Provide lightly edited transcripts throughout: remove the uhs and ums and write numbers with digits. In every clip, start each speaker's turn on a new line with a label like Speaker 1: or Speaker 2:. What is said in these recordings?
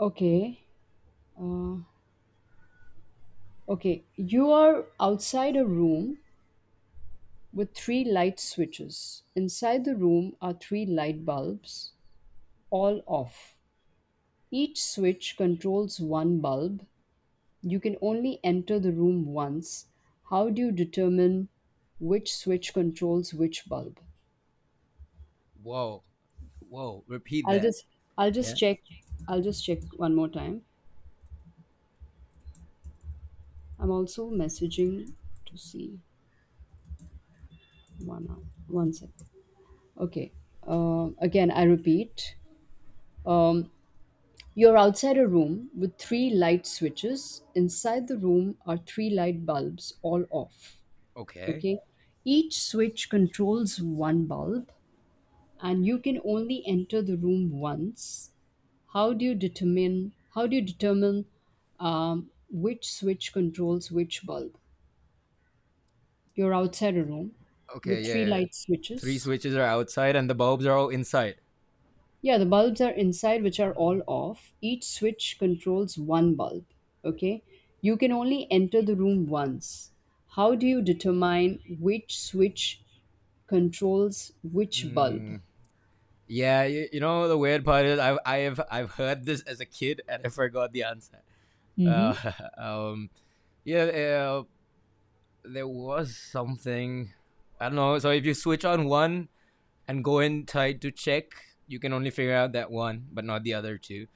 Speaker 1: Okay. Uh, okay. You are outside a room with three light switches. Inside the room are three light bulbs, all off. Each switch controls one bulb. You can only enter the room once. How do you determine which switch controls which bulb?
Speaker 2: Whoa, whoa! Repeat
Speaker 1: I'll
Speaker 2: that.
Speaker 1: just I'll just
Speaker 2: Yeah.
Speaker 1: check I'll just check one more time. I'm also messaging to see 1 hour. 1 second. Okay. Again, I repeat. Um, you're outside a room with three light switches. Inside the room are three light bulbs, all off.
Speaker 2: Okay.
Speaker 1: Okay. Each switch controls one bulb, and you can only enter the room once. How do you determine, which switch controls which bulb? You're outside a room
Speaker 2: Okay.
Speaker 1: with
Speaker 2: Yeah.
Speaker 1: three
Speaker 2: yeah.
Speaker 1: light
Speaker 2: Three
Speaker 1: switches.
Speaker 2: switches are outside, and the bulbs are all inside.
Speaker 1: Yeah, the bulbs are inside, which are all off. Each switch controls one bulb. Okay. You can only enter the room once. How do you determine which switch controls which bulb?
Speaker 2: Mm. Yeah. You know the weird part is I've heard this as a kid, and I forgot the answer.
Speaker 1: Mm-hmm.
Speaker 2: Uh, um. Yeah. There was something. I don't know. So if you switch on one, and go and try to check, you can only figure out that one, but not the other two.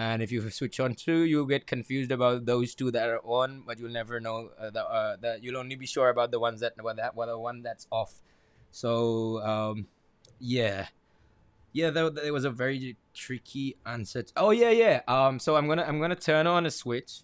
Speaker 2: And if you switch on two, you get confused about those two that are on, but you'll never know the you'll only be sure about the ones the one that's off. So yeah, yeah, that was a very tricky answer. Oh yeah, yeah. So I'm gonna turn on a switch,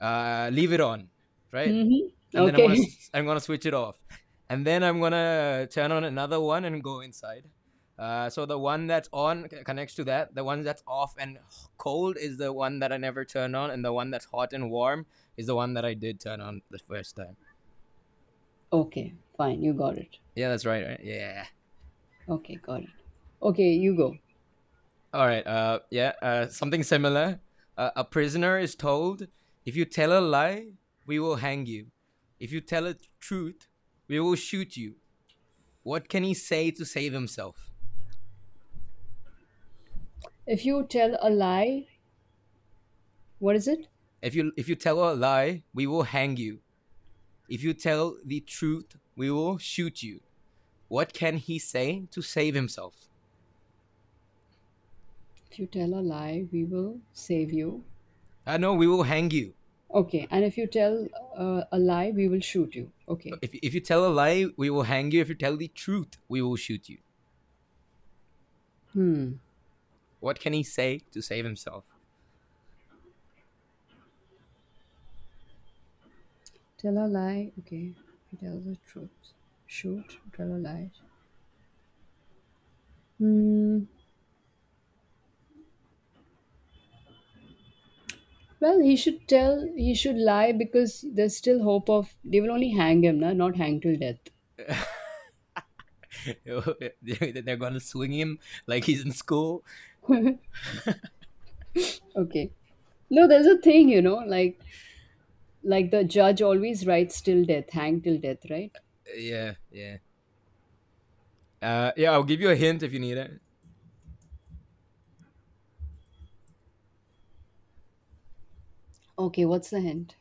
Speaker 2: leave it on, right?
Speaker 1: Mm-hmm.
Speaker 2: And then I'm gonna
Speaker 1: Okay.
Speaker 2: i I'm gonna switch it off, and then I'm gonna turn on another one and go inside. So the one that's on connects to that. The one that's off and cold is the one that I never turn on, and the one that's hot and warm is the one that I did turn on the first time.
Speaker 1: Okay. Fine. You got it.
Speaker 2: Yeah, that's right. Right? Yeah.
Speaker 1: Okay. Got it. Okay. You go.
Speaker 2: All right. Yeah. Something similar. A prisoner is told, if you tell a lie, we will hang you. If you tell a truth, we will shoot you. What can he say to save himself?
Speaker 1: If you tell a lie, what is it?
Speaker 2: If you tell a lie, we will hang you. If you tell the truth, we will shoot you. What can he say to save himself?
Speaker 1: If you tell a lie, we will save you.
Speaker 2: I know we will hang you.
Speaker 1: Okay. And if you tell a lie, we will shoot you. Okay.
Speaker 2: If you tell a lie, we will hang you. If you tell the truth, we will shoot you.
Speaker 1: Hmm.
Speaker 2: What can he say to save himself?
Speaker 1: Tell a lie. Okay, he tells the truth. Shoot, tell a lie. Hmm. Well, he should tell. He should lie because there's still hope of. They will only hang him, na? Not hang till death.
Speaker 2: They're gonna swing him like he's in school.
Speaker 1: Okay. No, there's a thing, like the judge always writes till death, hang till death, right?
Speaker 2: Yeah, yeah. Yeah, I'll give you a hint if you need it.
Speaker 1: Okay, what's the hint?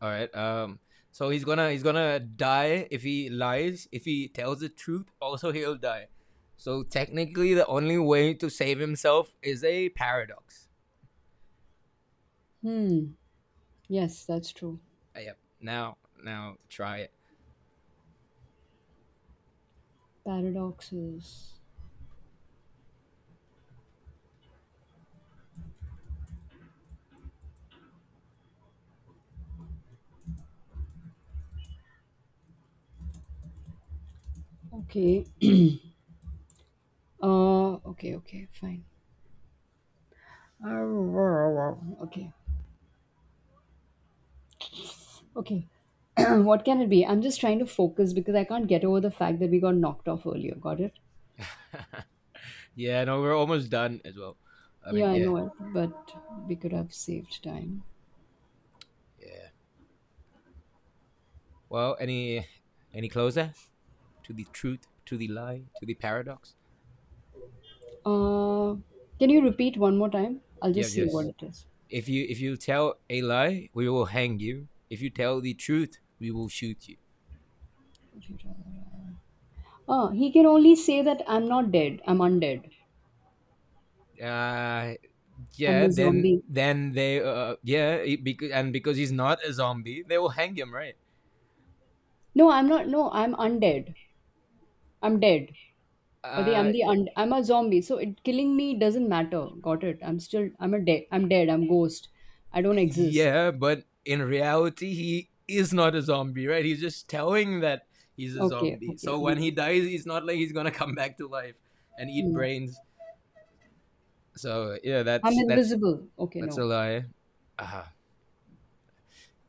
Speaker 2: All right. So he's gonna die if he lies. If he tells the truth, also he'll die. So technically, the only way to save himself is a paradox.
Speaker 1: Hmm. Yes, that's true.
Speaker 2: Yep. Now, try it.
Speaker 1: Paradoxes. Okay. Okay. Okay. Fine. Okay. Okay. What can it be? I'm just trying to focus because I can't get over the fact that we got knocked off earlier. Got it?
Speaker 2: Yeah. No, we're almost done as well. I
Speaker 1: Yeah,
Speaker 2: mean,
Speaker 1: I
Speaker 2: yeah,
Speaker 1: know it, but we could have saved time.
Speaker 2: yeah. Well, any closer to the truth, to the lie, to the paradox?
Speaker 1: Uh, can you repeat one more time? I'll
Speaker 2: Yeah.
Speaker 1: just see what
Speaker 2: Yes.
Speaker 1: it is.
Speaker 2: If you tell a lie, we will hang you. If you tell the truth, we will shoot you.
Speaker 1: Would you rather- Ah, he can only say that I'm not dead. I'm undead.
Speaker 2: Uh,
Speaker 1: I'm
Speaker 2: yeah,
Speaker 1: a
Speaker 2: then
Speaker 1: zombie.
Speaker 2: they yeah, he, because, and because he's not a zombie, they will hang him, right?
Speaker 1: No, I'm not. No, I'm undead. I'm dead. Or the
Speaker 2: Uh,
Speaker 1: I'm a zombie. So it killing me doesn't matter. Got it? I'm still. I'm a dead. I'm dead. I'm ghost. I don't exist.
Speaker 2: yeah, but in reality, he is not a zombie, right? He's just telling that he's a
Speaker 1: Okay.
Speaker 2: zombie.
Speaker 1: Okay.
Speaker 2: So when
Speaker 1: He's
Speaker 2: he dies, it's not like he's gonna come back to life and eat
Speaker 1: Hmm.
Speaker 2: brains. So yeah,
Speaker 1: I'm
Speaker 2: that's that's
Speaker 1: invisible. Okay,
Speaker 2: that's a
Speaker 1: no.
Speaker 2: lie. Uh,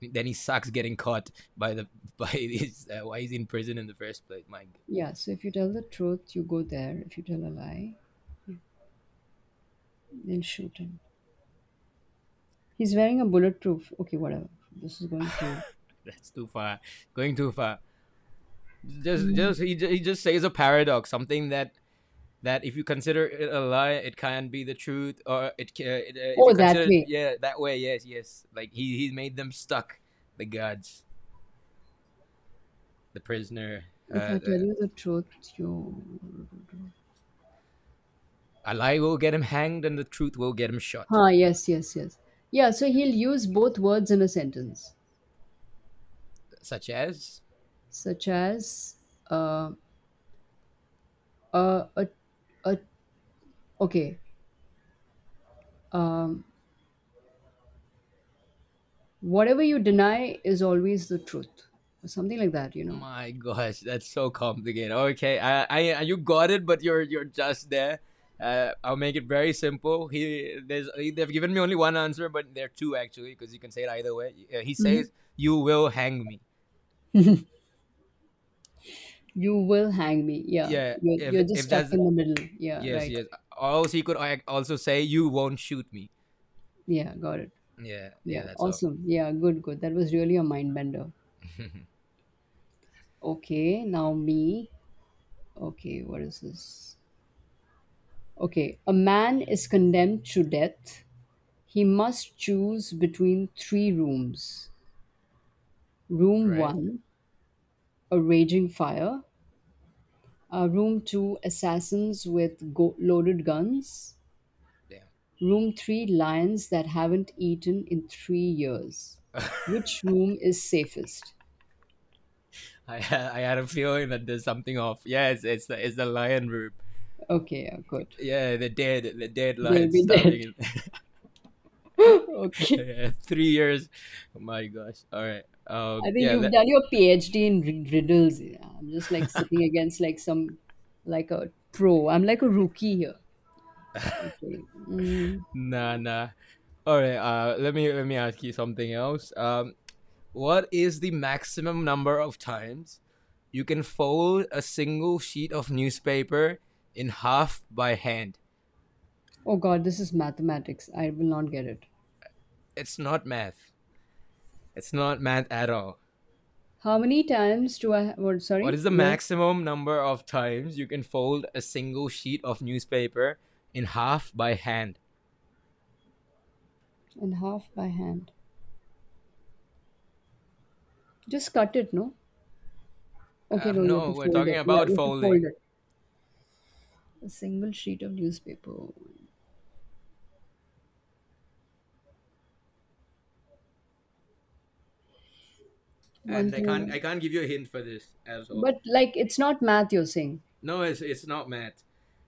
Speaker 2: then he sucks getting caught by the by his why he's in prison in the first place. My God,
Speaker 1: Yeah, so if you tell the truth, you go there. If you tell a lie, they'll shoot him. He's wearing a bulletproof. Okay, whatever. This is going crazy.
Speaker 2: that's too far, going too far. just
Speaker 1: Hmm.
Speaker 2: just he just says a paradox, something that if you consider it a lie, it can be the truth, or it, if you
Speaker 1: Oh, that
Speaker 2: consider it,
Speaker 1: way.
Speaker 2: that way. Yes, yes. Like he made them stuck. The gods. The prisoner. uh,
Speaker 1: If I
Speaker 2: uh,
Speaker 1: tell you the truth, you.
Speaker 2: a lie will get him hanged and the truth will get him shot,
Speaker 1: Huh, yes, yes, yes. Yeah, so he'll use both words in a sentence,
Speaker 2: such as...
Speaker 1: such as, uh, uh, uh, uh okay, um, whatever you deny is always the truth, or something like that, you know.
Speaker 2: My gosh, that's so complicated. Okay, you got it, but you're just there. I'll make it very simple. They've given me only one answer, but there are two actually, because you can say it either way. He says, "You will hang me."
Speaker 1: You will hang me. Yeah.
Speaker 2: Yeah,
Speaker 1: You're,
Speaker 2: if
Speaker 1: you're just
Speaker 2: if
Speaker 1: stuck
Speaker 2: that's
Speaker 1: in the middle. Yeah,
Speaker 2: yes,
Speaker 1: right.
Speaker 2: yes. Also, he could also say, "You won't shoot me."
Speaker 1: Yeah, got it.
Speaker 2: Yeah, yeah,
Speaker 1: Yeah,
Speaker 2: that's all.
Speaker 1: awesome. Yeah, good, good. That was really a mind bender. Okay, now me. Okay, what is this? Okay, a man is condemned to death. He must choose between three rooms. Room
Speaker 2: Right?
Speaker 1: 1, a raging fire. Room 2, assassins with loaded guns.
Speaker 2: Damn.
Speaker 1: Room 3, lions that haven't eaten in 3 years. Which room is safest?
Speaker 2: I had a feeling that there's something off. Yes, it's the lion room.
Speaker 1: Okay, yeah, good.
Speaker 2: Yeah, the dead
Speaker 1: They will
Speaker 2: lion
Speaker 1: be dead.
Speaker 2: starving
Speaker 1: Okay.
Speaker 2: 3 years. Oh my gosh. All right.
Speaker 1: I think
Speaker 2: Yeah.
Speaker 1: you've
Speaker 2: Let
Speaker 1: done your PhD in riddles. Yeah. I'm just like sitting against like some, like a pro. I'm like a rookie here. Okay. Mm.
Speaker 2: Nah, nah. All right. Let me ask you something else. What is the maximum number of times you can fold a single sheet of newspaper in half by hand?
Speaker 1: Oh God, this is mathematics. I will not get it.
Speaker 2: It's not math. It's not math at all.
Speaker 1: How many times do I? What?
Speaker 2: What
Speaker 1: Sorry,
Speaker 2: is the
Speaker 1: where?
Speaker 2: maximum number of times you can fold a single sheet of newspaper in half by hand?
Speaker 1: And half by hand. Just cut it, no? Okay, no, you have
Speaker 2: No,
Speaker 1: to
Speaker 2: we're
Speaker 1: fold
Speaker 2: talking
Speaker 1: it. Yeah,
Speaker 2: about
Speaker 1: you have to fold
Speaker 2: folding.
Speaker 1: it. A single sheet of newspaper. One,
Speaker 2: And I can't
Speaker 1: two.
Speaker 2: I can't give you a hint for this at all.
Speaker 1: But like, it's not math you're saying.
Speaker 2: No, it's not math.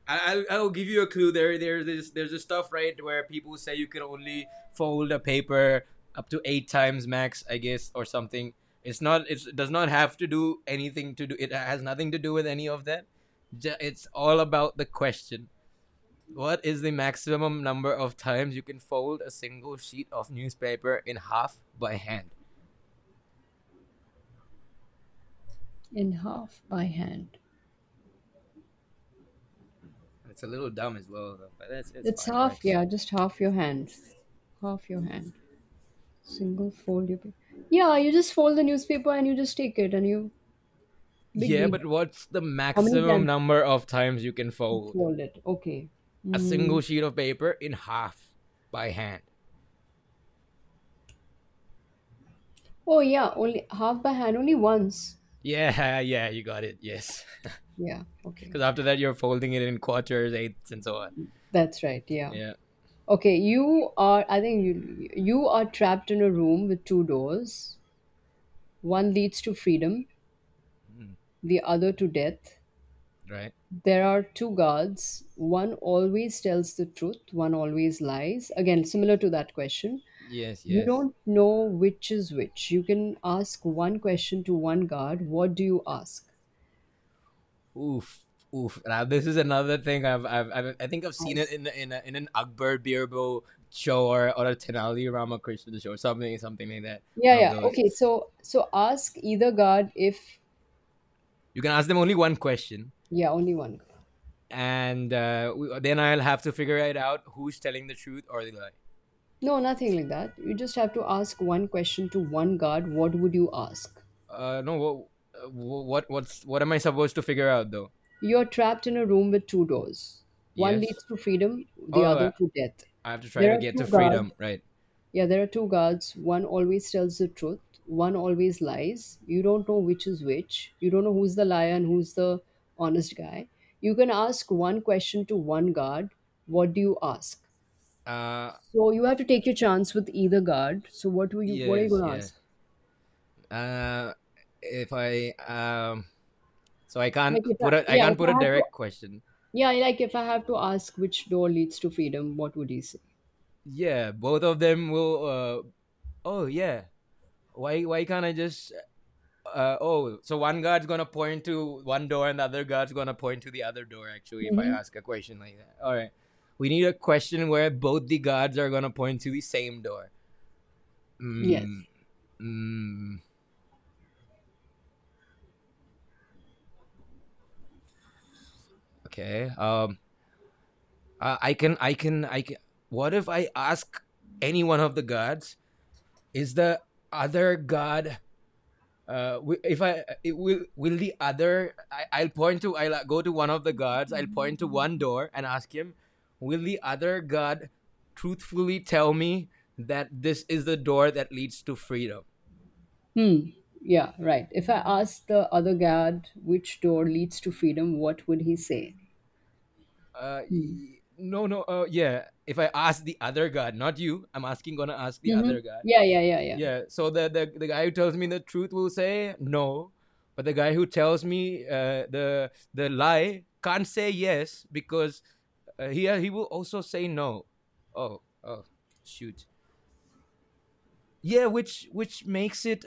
Speaker 2: I'll give you a clue. There's this stuff right where people say you can only fold a paper up to eight times max, I guess, or something. It's not, it's, it does not have to do anything to do. It has nothing to do with any of that. It's all about the question. What is the maximum number of times you can fold a single sheet of newspaper in half by hand?
Speaker 1: In half by hand.
Speaker 2: It's a little dumb as well, though, but that's it's
Speaker 1: It's
Speaker 2: fine.
Speaker 1: half,
Speaker 2: Works.
Speaker 1: yeah, just half your hand. Half your hand. Single fold your paper. Yeah, you just fold the newspaper and you just take it and you. Big
Speaker 2: Yeah,
Speaker 1: deal.
Speaker 2: but what's the
Speaker 1: How many
Speaker 2: maximum
Speaker 1: times
Speaker 2: number of times you can
Speaker 1: you
Speaker 2: fold
Speaker 1: fold it? Okay.
Speaker 2: a single
Speaker 1: Mm.
Speaker 2: sheet of paper in half by hand?
Speaker 1: Oh, yeah, only half by hand, only once.
Speaker 2: Yeah, yeah, you got it. Yes.
Speaker 1: Yeah, okay.
Speaker 2: Because after that, you're folding it in quarters, eighths, and so on.
Speaker 1: That's right, yeah.
Speaker 2: Yeah.
Speaker 1: Okay, you are, I think you are trapped in a room with two doors. One leads to freedom,
Speaker 2: Mm,
Speaker 1: the other to death.
Speaker 2: right?
Speaker 1: There are two guards. One always tells the truth, one always lies. Again, similar to that question.
Speaker 2: Yes,
Speaker 1: You
Speaker 2: yes.
Speaker 1: don't know which is which. You can ask one question to one guard. What do you ask?
Speaker 2: Oof. Oof. Now, this is another thing I think I've seen it
Speaker 1: Ask.
Speaker 2: in an Akbar Birbal show, or a Tenali Ramakrishna show, something like that.
Speaker 1: Yeah,
Speaker 2: One of
Speaker 1: yeah.
Speaker 2: those.
Speaker 1: Okay, so ask either guard if,
Speaker 2: You can ask them only one question
Speaker 1: yeah, only one guard.
Speaker 2: and then I'll have to figure it out who's telling the truth or the lie.
Speaker 1: No, nothing like that. You just have to ask one question to one guard. What would you ask?
Speaker 2: No, what, what am I supposed to figure out though?
Speaker 1: You're trapped in a room with two doors. One
Speaker 2: Yes.
Speaker 1: leads to freedom, the
Speaker 2: Oh,
Speaker 1: other to death.
Speaker 2: I have to try
Speaker 1: There
Speaker 2: to
Speaker 1: are
Speaker 2: get
Speaker 1: two
Speaker 2: to
Speaker 1: guards.
Speaker 2: freedom, right?
Speaker 1: Yeah, there are two guards. One always tells the truth, one always lies. You don't know which is which. You don't know who's the liar and who's the honest guy. You can ask one question to one guard. What do you ask?
Speaker 2: Uh,
Speaker 1: So you
Speaker 2: oh,
Speaker 1: have to take your chance with either guard. So what are you
Speaker 2: yes,
Speaker 1: gonna
Speaker 2: yes.
Speaker 1: ask?
Speaker 2: Uh, if I So I can't
Speaker 1: Like if I,
Speaker 2: put a, I
Speaker 1: yeah,
Speaker 2: can't
Speaker 1: if
Speaker 2: put a
Speaker 1: I have to,
Speaker 2: direct question.
Speaker 1: yeah, like if I have to ask which door leads to freedom, what would you say?
Speaker 2: Yeah, both of them will. Oh yeah. Why can't I just, oh, so one guard's gonna point to one door and the other guard's gonna point to the other door. Actually, if I
Speaker 1: Mm-hmm.
Speaker 2: ask a question like that, all right, we need a question where both the guards are gonna point to the same door.
Speaker 1: Yes.
Speaker 2: Mm, mm, okay. I can. What if I ask any one of the guards? Is the other guard, uh, if I, it will the other, I, I'll point to, I'll go to one of the guards, I'll point to one door and ask him, will the other guard truthfully tell me that this is the door that leads to freedom?
Speaker 1: Hmm. Yeah, right. If I asked the other guard which door leads to freedom, what would he say?
Speaker 2: uh
Speaker 1: Hmm.
Speaker 2: no no uh yeah if I ask the other guard, not you. I'm asking Gonna ask the
Speaker 1: Mm-hmm.
Speaker 2: other guard.
Speaker 1: Yeah, yeah, yeah, yeah.
Speaker 2: Yeah, so the guy who tells me the truth will say no, but the guy who tells me the lie can't say yes because he will also say no. Oh, oh, shoot. Yeah, which makes it,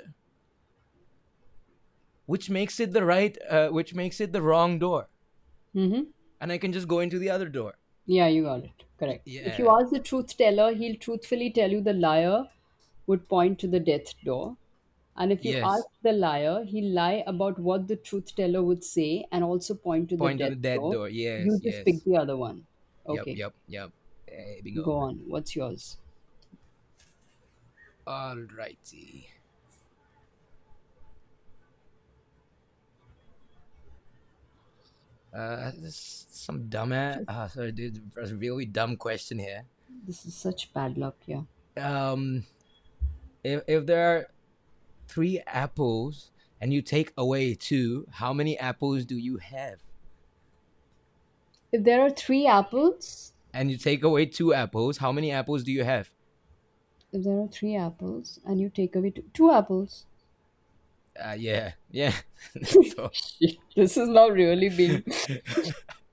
Speaker 2: which makes it the wrong door,
Speaker 1: Mm-hmm.
Speaker 2: and I can just go into the other door.
Speaker 1: Yeah, you got it. Correct. If you
Speaker 2: Yeah.
Speaker 1: ask the truth teller, he'll truthfully tell you the liar would point to the death door. And if you ask
Speaker 2: Yes.
Speaker 1: the liar, he'll lie about what the truth teller would say and also point to the
Speaker 2: Point to
Speaker 1: death
Speaker 2: the dead
Speaker 1: door.
Speaker 2: door.
Speaker 1: You
Speaker 2: Yes,
Speaker 1: just pick
Speaker 2: yes.
Speaker 1: the other one.
Speaker 2: Yep,
Speaker 1: Okay,
Speaker 2: yep, yep. Hey, bingo.
Speaker 1: go on. What's yours?
Speaker 2: All righty. This some dumb ass.
Speaker 1: Just,
Speaker 2: Sorry, dude. That's a really dumb question here.
Speaker 1: this is such bad luck, yeah.
Speaker 2: Um, if there are three apples and you take away two, how many apples do you have?
Speaker 1: If there are 3 apples,
Speaker 2: And you take away two apples, how many apples do you have?
Speaker 1: if there are 3 apples and you take away 2, 2 apples.
Speaker 2: Yeah, yeah. That's all.
Speaker 1: Shit, this is not really being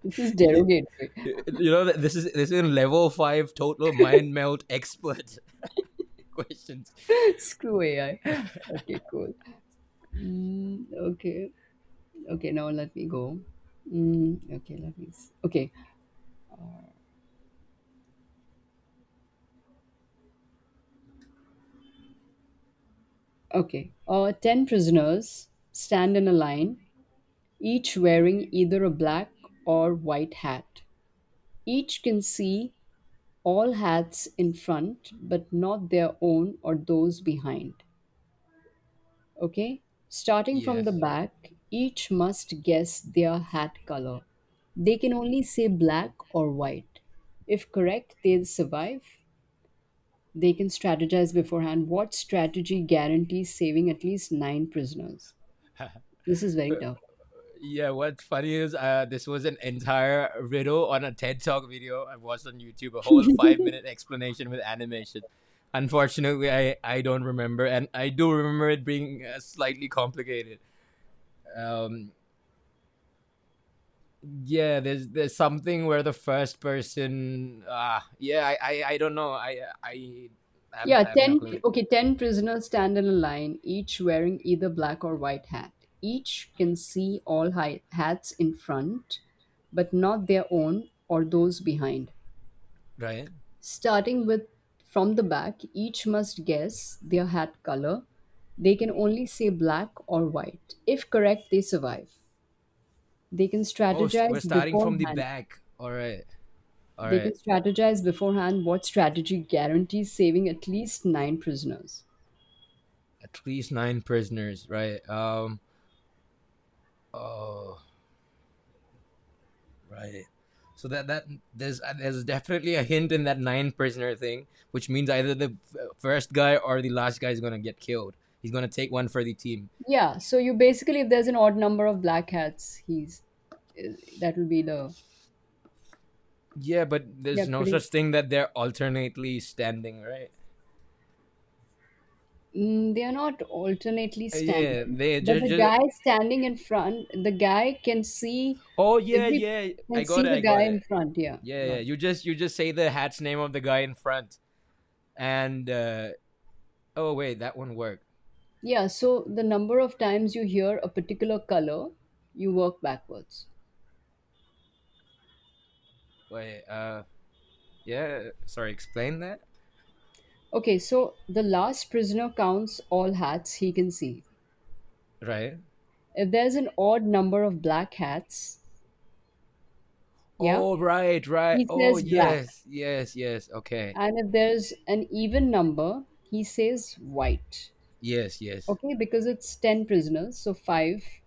Speaker 1: this is
Speaker 2: You,
Speaker 1: derogatory.
Speaker 2: you know that this is level five total mind melt expert questions.
Speaker 1: Screw AI. Okay, cool. Mm, okay. Okay, now let me go. Mm, okay, let me. Okay, okay. 10 prisoners stand in a line, each wearing either a black or white hat. Each can see all hats in front, but not their own or those behind. Okay, starting from the
Speaker 2: Yes.
Speaker 1: back, each must guess their hat color. They can only say black or white. If correct, they'll survive. They can strategize beforehand. What strategy guarantees saving at least nine prisoners? This is very tough.
Speaker 2: Yeah, what's funny is this was an entire riddle on a TED Talk video I watched on YouTube, a whole 5 minute explanation with animation. Unfortunately, I don't remember, and I do remember it being slightly complicated. Um, yeah, there's something where the first person, I don't know.
Speaker 1: Yeah,
Speaker 2: I have no
Speaker 1: 10,
Speaker 2: clue,
Speaker 1: okay, 10 prisoners stand in a line, each wearing either black or white hat. Each can see all hats in front, but not their own or those behind.
Speaker 2: right?
Speaker 1: Starting with from the back, each must guess their hat color. They can only say black or white. If correct, they survive. They can
Speaker 2: Oh, we're
Speaker 1: strategize
Speaker 2: starting from the
Speaker 1: beforehand.
Speaker 2: back. All right, all right.
Speaker 1: What strategy guarantees saving at least nine prisoners.
Speaker 2: At least nine prisoners, right? Oh, right. So that there's definitely a hint in that nine prisoner thing, which means either the first guy or the last guy is gonna get killed. He's gonna take one for the team.
Speaker 1: Yeah, so you basically, if there's an odd number of black hats, he's, eh, that will be the,
Speaker 2: Yeah, but
Speaker 1: yeah,
Speaker 2: there's no
Speaker 1: pretty.
Speaker 2: such thing that they're alternately standing, right?
Speaker 1: Mm, they are not alternately
Speaker 2: Yeah,
Speaker 1: standing,
Speaker 2: they
Speaker 1: but
Speaker 2: just
Speaker 1: the
Speaker 2: just.
Speaker 1: guy standing in front, the guy can see
Speaker 2: Oh yeah,
Speaker 1: every,
Speaker 2: yeah. I
Speaker 1: can
Speaker 2: got
Speaker 1: see
Speaker 2: it. I
Speaker 1: the guy
Speaker 2: got
Speaker 1: in
Speaker 2: it.
Speaker 1: front. Yeah,
Speaker 2: Yeah, yeah.
Speaker 1: got it.
Speaker 2: You just say the hat's name of the guy in front, and oh wait, that one worked.
Speaker 1: Yeah, so the number of times you hear a particular color, you work backwards.
Speaker 2: Wait, yeah. Sorry, explain that.
Speaker 1: Okay, so the last prisoner counts all hats he can see.
Speaker 2: Right.
Speaker 1: If there's an odd number of black hats, yeah,
Speaker 2: Oh right, right.
Speaker 1: he
Speaker 2: Oh
Speaker 1: says black.
Speaker 2: yes, yes, yes. Okay.
Speaker 1: And if there's an even number, he says white.
Speaker 2: Yes, yes,
Speaker 1: Okay, because it's 10 prisoners, so five,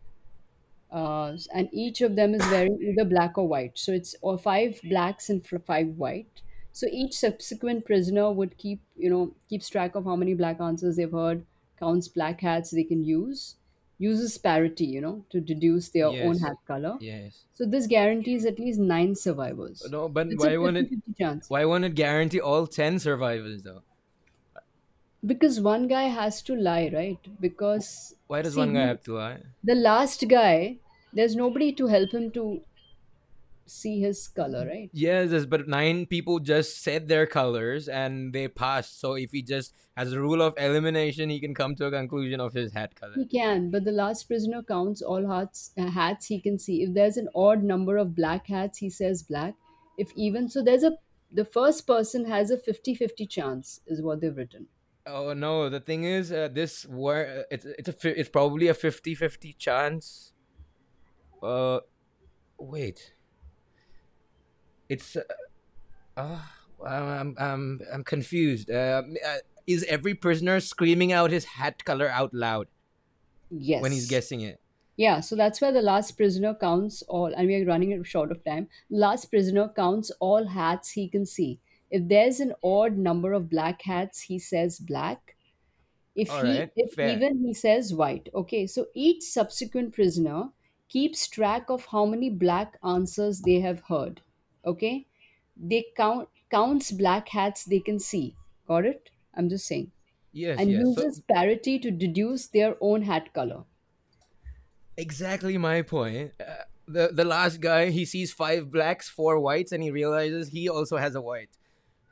Speaker 1: and each of them is wearing either black or white. So it's or five blacks and five white. So each subsequent prisoner would keeps track of how many black answers they've heard, counts black hats they can use, uses parity, to deduce their own
Speaker 2: yes,
Speaker 1: hat color.
Speaker 2: yes.
Speaker 1: So this guarantees at least nine survivors.
Speaker 2: No, but
Speaker 1: It's a
Speaker 2: why won't it?
Speaker 1: 50-50 chance.
Speaker 2: Why won't it guarantee all 10 survivors though?
Speaker 1: Because one guy has to lie, right?
Speaker 2: Wh-
Speaker 1: Because
Speaker 2: Why does
Speaker 1: see,
Speaker 2: one guy
Speaker 1: he
Speaker 2: have to lie?
Speaker 1: the last guy, there's nobody to help him to see his color, right?
Speaker 2: Yes, yes, but nine people just said their colors and they passed. So if he just has a rule of elimination, he can come to a conclusion of his hat color.
Speaker 1: He can, but the last prisoner counts all hats, hats he can see. If there's an odd number of black hats, he says black. If even so, the first person has a 50-50 chance, is what they've written.
Speaker 2: Oh no, the thing is, this war. It's probably a fifty-fifty chance. Uh, wait. It's Uh, I'm confused. Is every prisoner screaming out his hat color out loud when he's
Speaker 1: Yes.
Speaker 2: guessing it?
Speaker 1: Yeah, so that's where the last prisoner counts all, and we are running short of time. Last prisoner counts all hats he can see. If there's an odd number of black hats, he says black.
Speaker 2: All right,
Speaker 1: If
Speaker 2: fair.
Speaker 1: even, he says white. Okay, so each subsequent prisoner keeps track of how many black answers they have heard. Okay, they counts black hats they can see. Got it. I'm just saying.
Speaker 2: Yes,
Speaker 1: And
Speaker 2: yes. So
Speaker 1: uses parity to deduce their own hat color.
Speaker 2: exactly my point. The last guy, he sees five blacks, four whites, and he realizes he also has a white.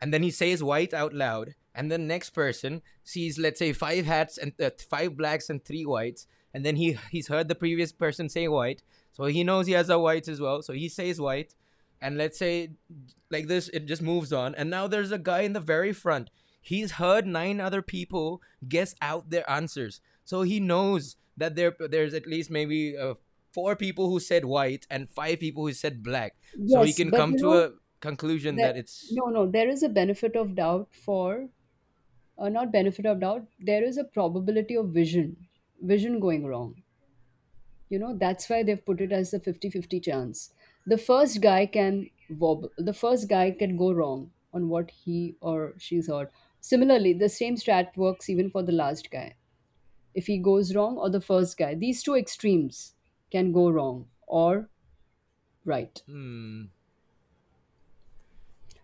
Speaker 2: And then he says white out loud, and the next person sees, let's say, five hats, and five blacks and three whites, and then he's heard the previous person say white, so he knows he has a white as well, so he says white. And let's say like this it just moves on, and now there's a guy in the very front. He's heard nine other people guess out their answers, so he knows that there's at least maybe four people who said white and five people who said black, so he
Speaker 1: Yes,
Speaker 2: can
Speaker 1: but
Speaker 2: come
Speaker 1: you
Speaker 2: to
Speaker 1: know
Speaker 2: a conclusion
Speaker 1: that.
Speaker 2: that it's...
Speaker 1: No, no, there is a benefit of doubt for, not benefit of doubt, there is a probability of vision, going wrong. You know that's why they've put it as a 50-50 chance. The first guy can wobble. The first guy can go wrong on what he or she's heard. Similarly, the same strat works even for the last guy. If he goes wrong or the first guy, these two extremes can go wrong or right.
Speaker 2: Hmm.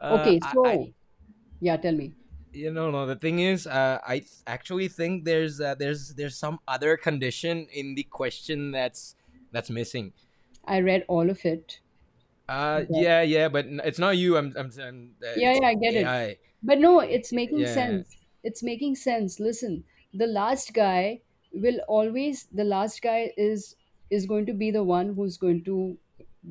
Speaker 2: Uh,
Speaker 1: Okay,
Speaker 2: I, I,
Speaker 1: so yeah, tell me.
Speaker 2: no. The thing is, I actually think there's some other condition in the question that's missing.
Speaker 1: I read all of it, but
Speaker 2: Yeah, yeah, but it's not you. I'm
Speaker 1: yeah,
Speaker 2: It's
Speaker 1: yeah, I get it.
Speaker 2: AI.
Speaker 1: But no, it's making
Speaker 2: Yeah.
Speaker 1: sense. It's making sense. Listen, the last guy will always, the last guy is going to be the one who's going to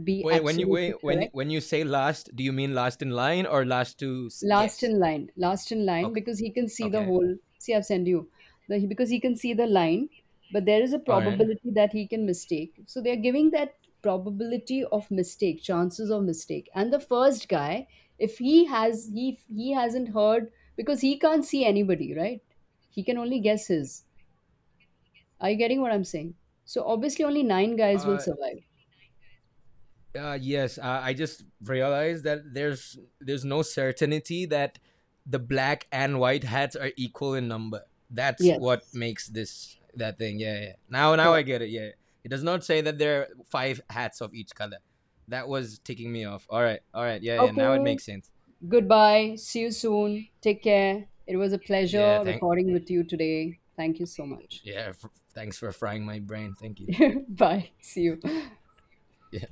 Speaker 1: be
Speaker 2: Wait, when you,
Speaker 1: absolutely correct.
Speaker 2: say last, do you mean last in line or last to
Speaker 1: Last
Speaker 2: guess?
Speaker 1: in line, last in line,
Speaker 2: Okay.
Speaker 1: because he can see the
Speaker 2: Okay.
Speaker 1: whole. See, I've sent you the, because he can see the line, but there is a
Speaker 2: All right.
Speaker 1: probability that he can mistake, so they're giving that probability of mistake, chances of mistake. And the first guy, if he has he hasn't heard because he can't see anybody, right? He can only guess his. Are you getting what I'm saying? So obviously only nine guys will
Speaker 2: Uh,
Speaker 1: survive.
Speaker 2: Yes, I just realized that there's no certainty that the black and white hats are equal in number. That's
Speaker 1: Yes,
Speaker 2: what makes this that thing. Yeah, yeah. Now I
Speaker 1: correct.
Speaker 2: get it. Yeah, it does not say that there are five hats of each color. That was ticking me off. All right, all right. Yeah, yeah. Now it
Speaker 1: Okay.
Speaker 2: makes sense.
Speaker 1: Goodbye. See you soon. Take care. It was a
Speaker 2: Yeah,
Speaker 1: pleasure
Speaker 2: thank.
Speaker 1: recording with you today. Thank you so much.
Speaker 2: Yeah, thanks for frying my brain. Thank you.
Speaker 1: Bye. See you.
Speaker 2: Yeah.